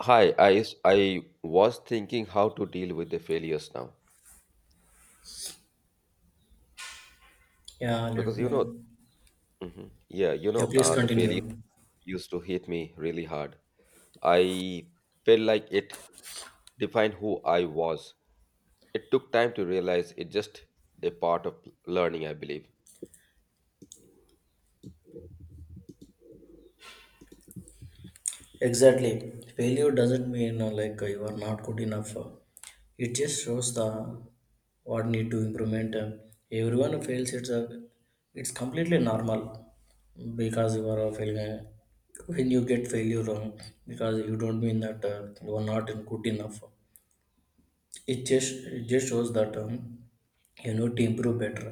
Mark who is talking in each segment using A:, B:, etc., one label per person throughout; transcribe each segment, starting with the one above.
A: Hi, I was thinking how to deal with the failures now
B: Yeah, let
A: because
B: me.
A: Mhm. yeah,
B: Yeah, please
A: the failure
B: continue.
A: used to hit me really hard. I felt like it defined who I was. It took time to realize it just a part of learning, I believe.
B: Exactly. Failure doesn't mean like you are not good enough. It just shows the what need to improvement. And everyone fails. It's completely normal because you are failing. When you get failure, wrong, because you don't mean that you are not good enough. It just shows that you need to improve better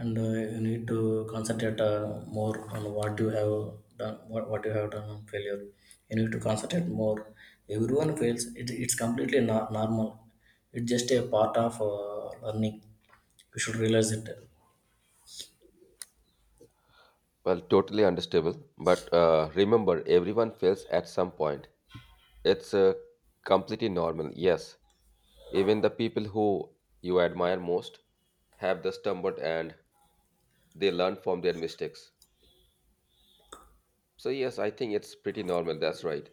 B: and you need to concentrate more on what you have done what, you have done on failure. You need to concentrate more. Everyone fails. It's completely normal. It's just a part of learning. You should realize it.
A: Well, totally understandable, but remember, everyone fails at some point. It's completely normal. Yes, even the people who you admire most have the stumbled and they learn from their mistakes. So, yes, I think it's pretty normal. That's right.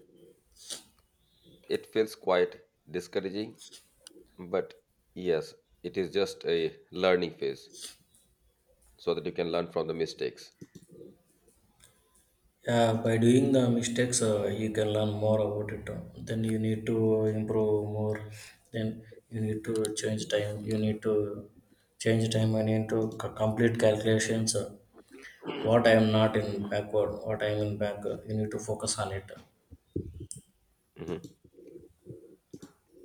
A: It feels quite discouraging, but yes, it is just a learning phase so that you can learn from the mistakes.
B: Yeah, by doing the mistakes, you can learn more about it. Then you need to improve more. Then you need to change time. You need to change time and need to complete calculations. What I am not in backward, what I am in back, you need to focus on it.
A: Mhm.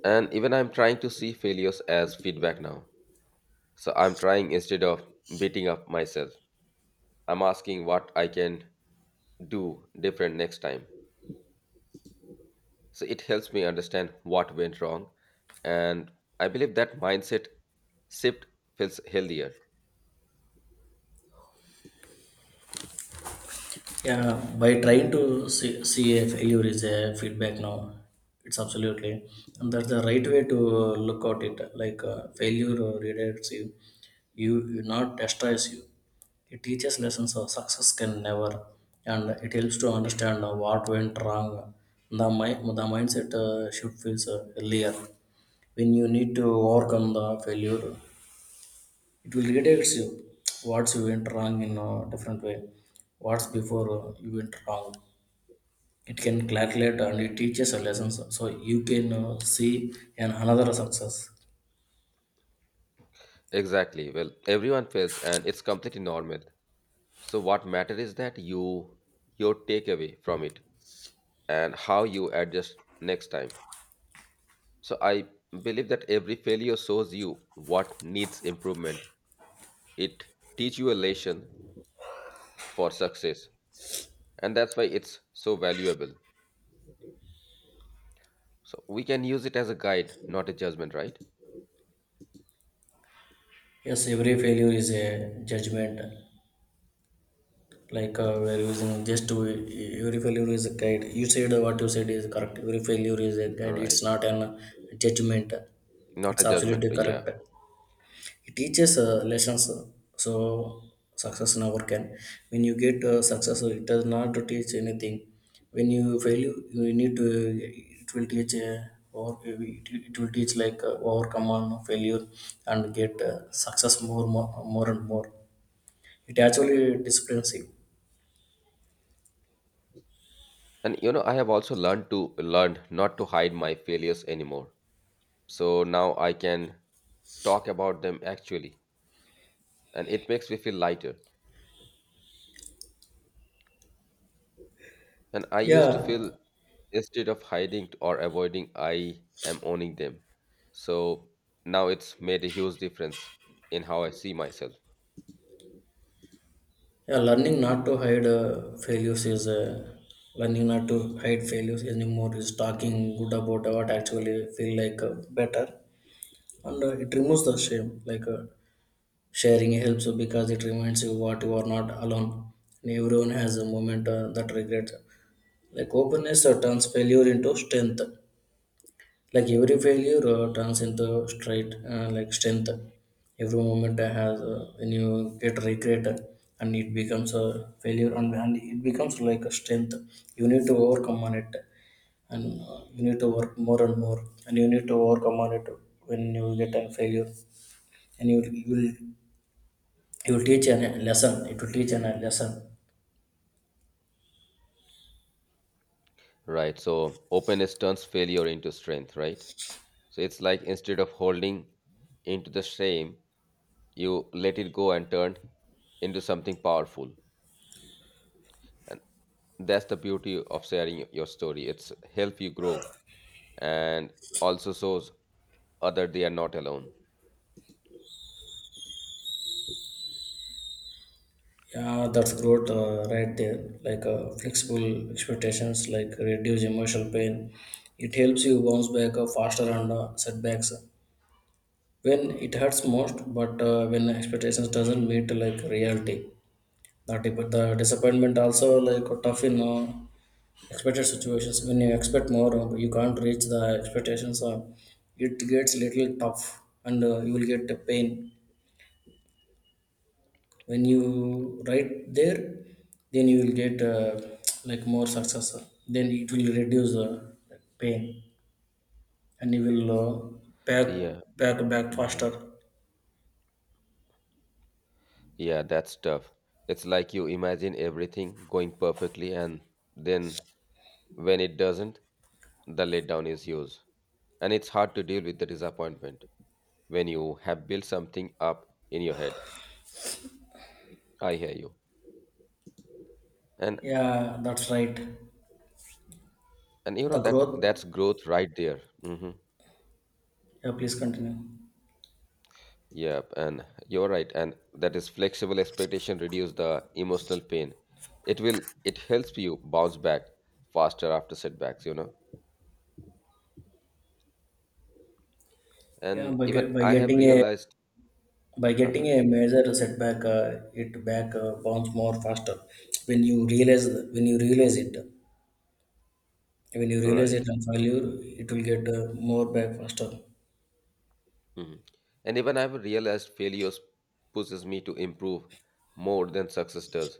A: And even I'm trying to see failures as feedback now. So, I'm trying instead of beating up myself, I'm asking what I can do different next time. So, it helps me understand what went wrong. And I believe that mindset shift feels healthier.
B: Yeah, by trying to see a failure is a feedback now. It's absolutely, and that's the right way to look at it. Like failure redirects you, you not destroys you. It teaches lessons of success can never, and it helps to understand what went wrong. The mindset should feel earlier when you need to overcome the failure. It will redirects you what's you went wrong in a different way, what's before you went wrong. It can calculate and it teaches a lesson, so you can see an another success.
A: Exactly. Well, everyone fails and it's completely normal. So what matters is that your takeaway from it and how you adjust next time. So I believe that every failure shows you what needs improvement. It teach you a lesson for success and that's why it's so valuable. So we can use it as a guide, not a judgment, right?
B: Yes, every failure is a judgment, like we're using just to, every failure is a guide. You said what you said is correct. Every failure is a
A: All
B: guide, it's
A: right.
B: not an judgment.
A: Not a
B: It's
A: judgment.
B: absolutely
A: Yeah.
B: correct. It teaches lessons. So success never can. When you get success, it does not teach anything. When you fail you need to, it will teach or it will teach like overcome on failure and get success more, more, more and more. It actually disciplines you.
A: I have also learned to learn not to hide my failures anymore, so now I can talk about them actually, and it makes me feel lighter. And I used to
B: Yeah.
A: feel instead of hiding or avoiding, I am owning them. So now it's made a huge difference in how I see myself.
B: Yeah, learning not to hide failures is learning not to hide failures anymore is talking good about what actually feel like better, and it removes the shame. Like sharing helps because it reminds you what you are not alone, and everyone has a moment that regrets. Like openness turns failure into strength. Like every failure turns into straight like strength. Every moment I has when you get regret, and it becomes a failure, and it becomes like a strength. You need to overcome on it, and you need to work more and more, and you need to overcome on it when you get a failure. And you will, you will teach an a lesson. It will teach an a lesson.
A: Right. So openness turns failure into strength, right? So it's like instead of holding into the shame, you let it go and turn into something powerful. And that's the beauty of sharing your story. It's help you grow and also shows Other, they are not alone.
B: Yeah, that's growth right there. Like flexible expectations like reduce emotional pain. It helps you bounce back faster on setbacks, when it hurts most. But when expectations doesn't meet like reality, that the disappointment also like tough in expected situations. When you expect more, you can't reach the expectations, it gets little tough, and you will get the pain. When you write there, then you will get like more success. Then it will reduce the, like, pain, and you will back,
A: Yeah.
B: back faster.
A: Hmm. Yeah, that's tough. It's like you imagine everything going perfectly, and then when it doesn't, the letdown is yours. And it's hard to deal with the disappointment when you have built something up in your head. I hear you. And
B: Yeah, that's right.
A: and
B: The
A: that that's
B: growth.
A: growth right there. Hmm.
B: Yeah, please continue.
A: Yep, and you're right. And that is flexible expectation reduce the emotional pain. It helps you bounce back faster after setbacks.
B: Yeah,
A: And even
B: by
A: I have
B: getting a,
A: realized
B: by getting
A: uh
B: a major setback, it back bounce more faster. When you realize when you realize it when you realize
A: right.
B: it and failure, it will get more back faster.
A: Mhm. And even I have realized failures pushes me to improve more than success does.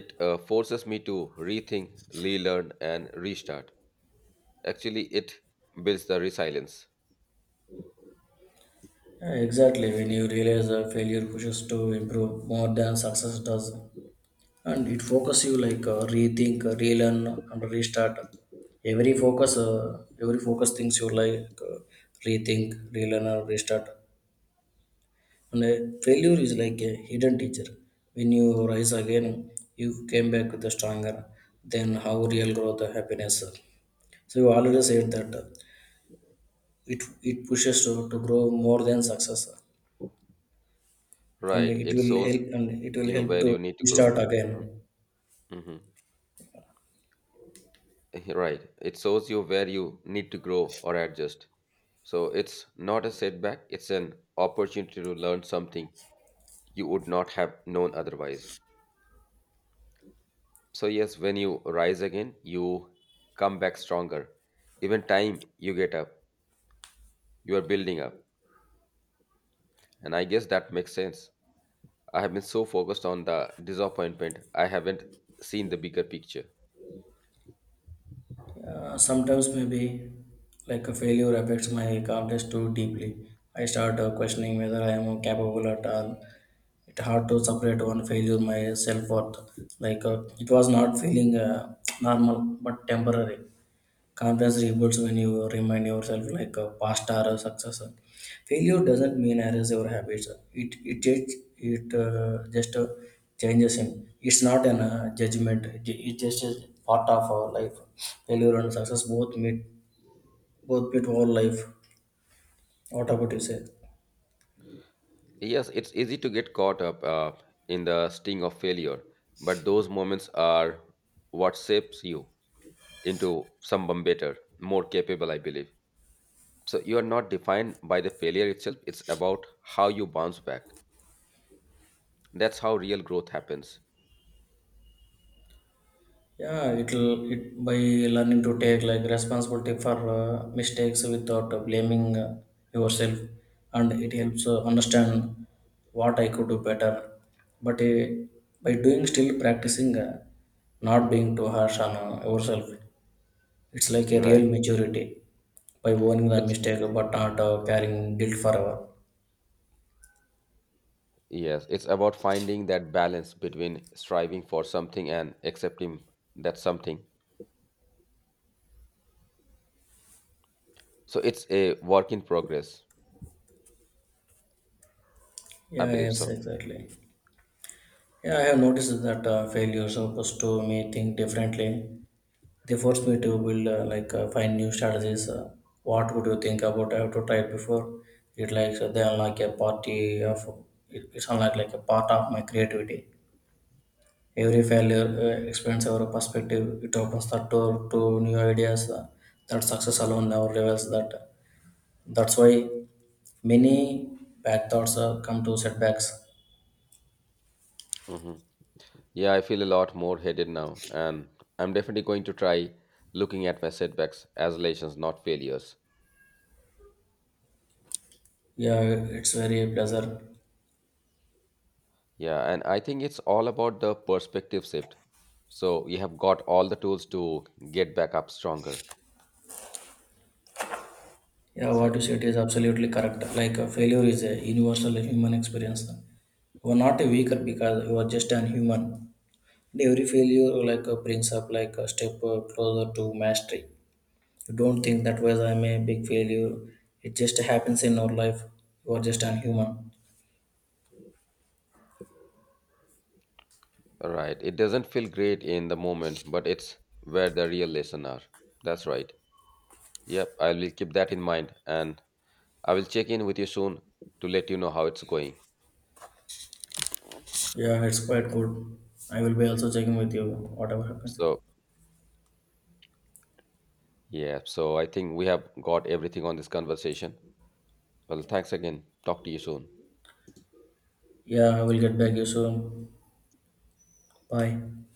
A: It forces me to rethink, relearn and restart. Actually it builds the resilience
B: Yeah, exactly, when you realize that failure pushes to improve more than success does, and it focuses you like rethink, relearn, and restart. Every focus things you like rethink, relearn, or restart. And failure is like a hidden teacher. When you rise again, you came back with a stronger. Then how real growth and happiness. So you already said that it pushes to grow more than success. And
A: right
B: it
A: it
B: will
A: shows
B: help, and it will
A: you
B: help
A: where
B: to
A: you need to grow
B: start again.
A: Mhm. Right, it shows you where you need to grow or adjust, so it's not a setback, it's an opportunity to learn something you would not have known otherwise. So, yes, when you rise again, you come back stronger. Even time you get up, you are building up. And I guess that makes sense. I have been so focused on the disappointment, I haven't seen the bigger picture.
B: Sometimes maybe like a failure affects my confidence too deeply. I start questioning whether I am capable at all. It's hard to separate one failure my self-worth, like it was not feeling normal but temporary. Confidence rebuilds when you remind yourself like a past or a success. Failure doesn't mean erase your habits. It just changes him. It's not an judgment. It just is part of our life. Failure and success both meet, both meet our life. What about you say?
A: Yes, it's easy to get caught up in the sting of failure, but those moments are what shapes you into someone better, more capable, I believe. So, you are not defined by the failure itself, it's about how you bounce back. That's how real growth happens.
B: Yeah, it'll it by learning to take like responsibility for mistakes without blaming yourself, and it helps understand what I could do better. But by doing still practicing, not being too harsh on yourself, it's like a
A: Right.
B: real maturity by owning the
A: It's
B: mistake but not carrying guilt forever.
A: Yes, it's about finding that balance between striving for something and accepting that something. So it's a work in progress. I
B: Yeah,
A: believe
B: yes,
A: so.
B: exactly. Yeah, I have noticed that failures are supposed to me think differently. They forced me to build like find new strategies. What would you think about? I have to try it before. It like so they unlock a party of it's unlike like a part of my creativity. Every failure expands our perspective. It opens the door to new ideas, that success alone never reveals. That's why many bad thoughts come to setbacks.
A: Hmm. Yeah, I feel a lot more headed now, and I'm definitely going to try looking at my setbacks as lessons, not failures.
B: Yeah, it's very pleasant.
A: Yeah, and I think it's all about the perspective shift. So you have got all the tools to get back up stronger.
B: Yeah, what you
A: So.
B: said is absolutely correct. Like failure is a universal human experience. You are not a
A: Mhm.
B: weaker because you are just an human. And every failure like brings up like a step closer to mastery. You don't think that was I'm a big failure. It just happens in our life. You are just an human.
A: Right. It doesn't feel great in the moment, but it's where the real lesson are. That's right. Yep, I will keep that in mind and I will check in with you soon to let you know how it's going.
B: Yeah, it's quite good. I will be also checking with you whatever happens.
A: So, yeah, so I think we have got everything on this conversation. Well, thanks again. Talk to you soon.
B: Yeah, I will get back you soon. Bye.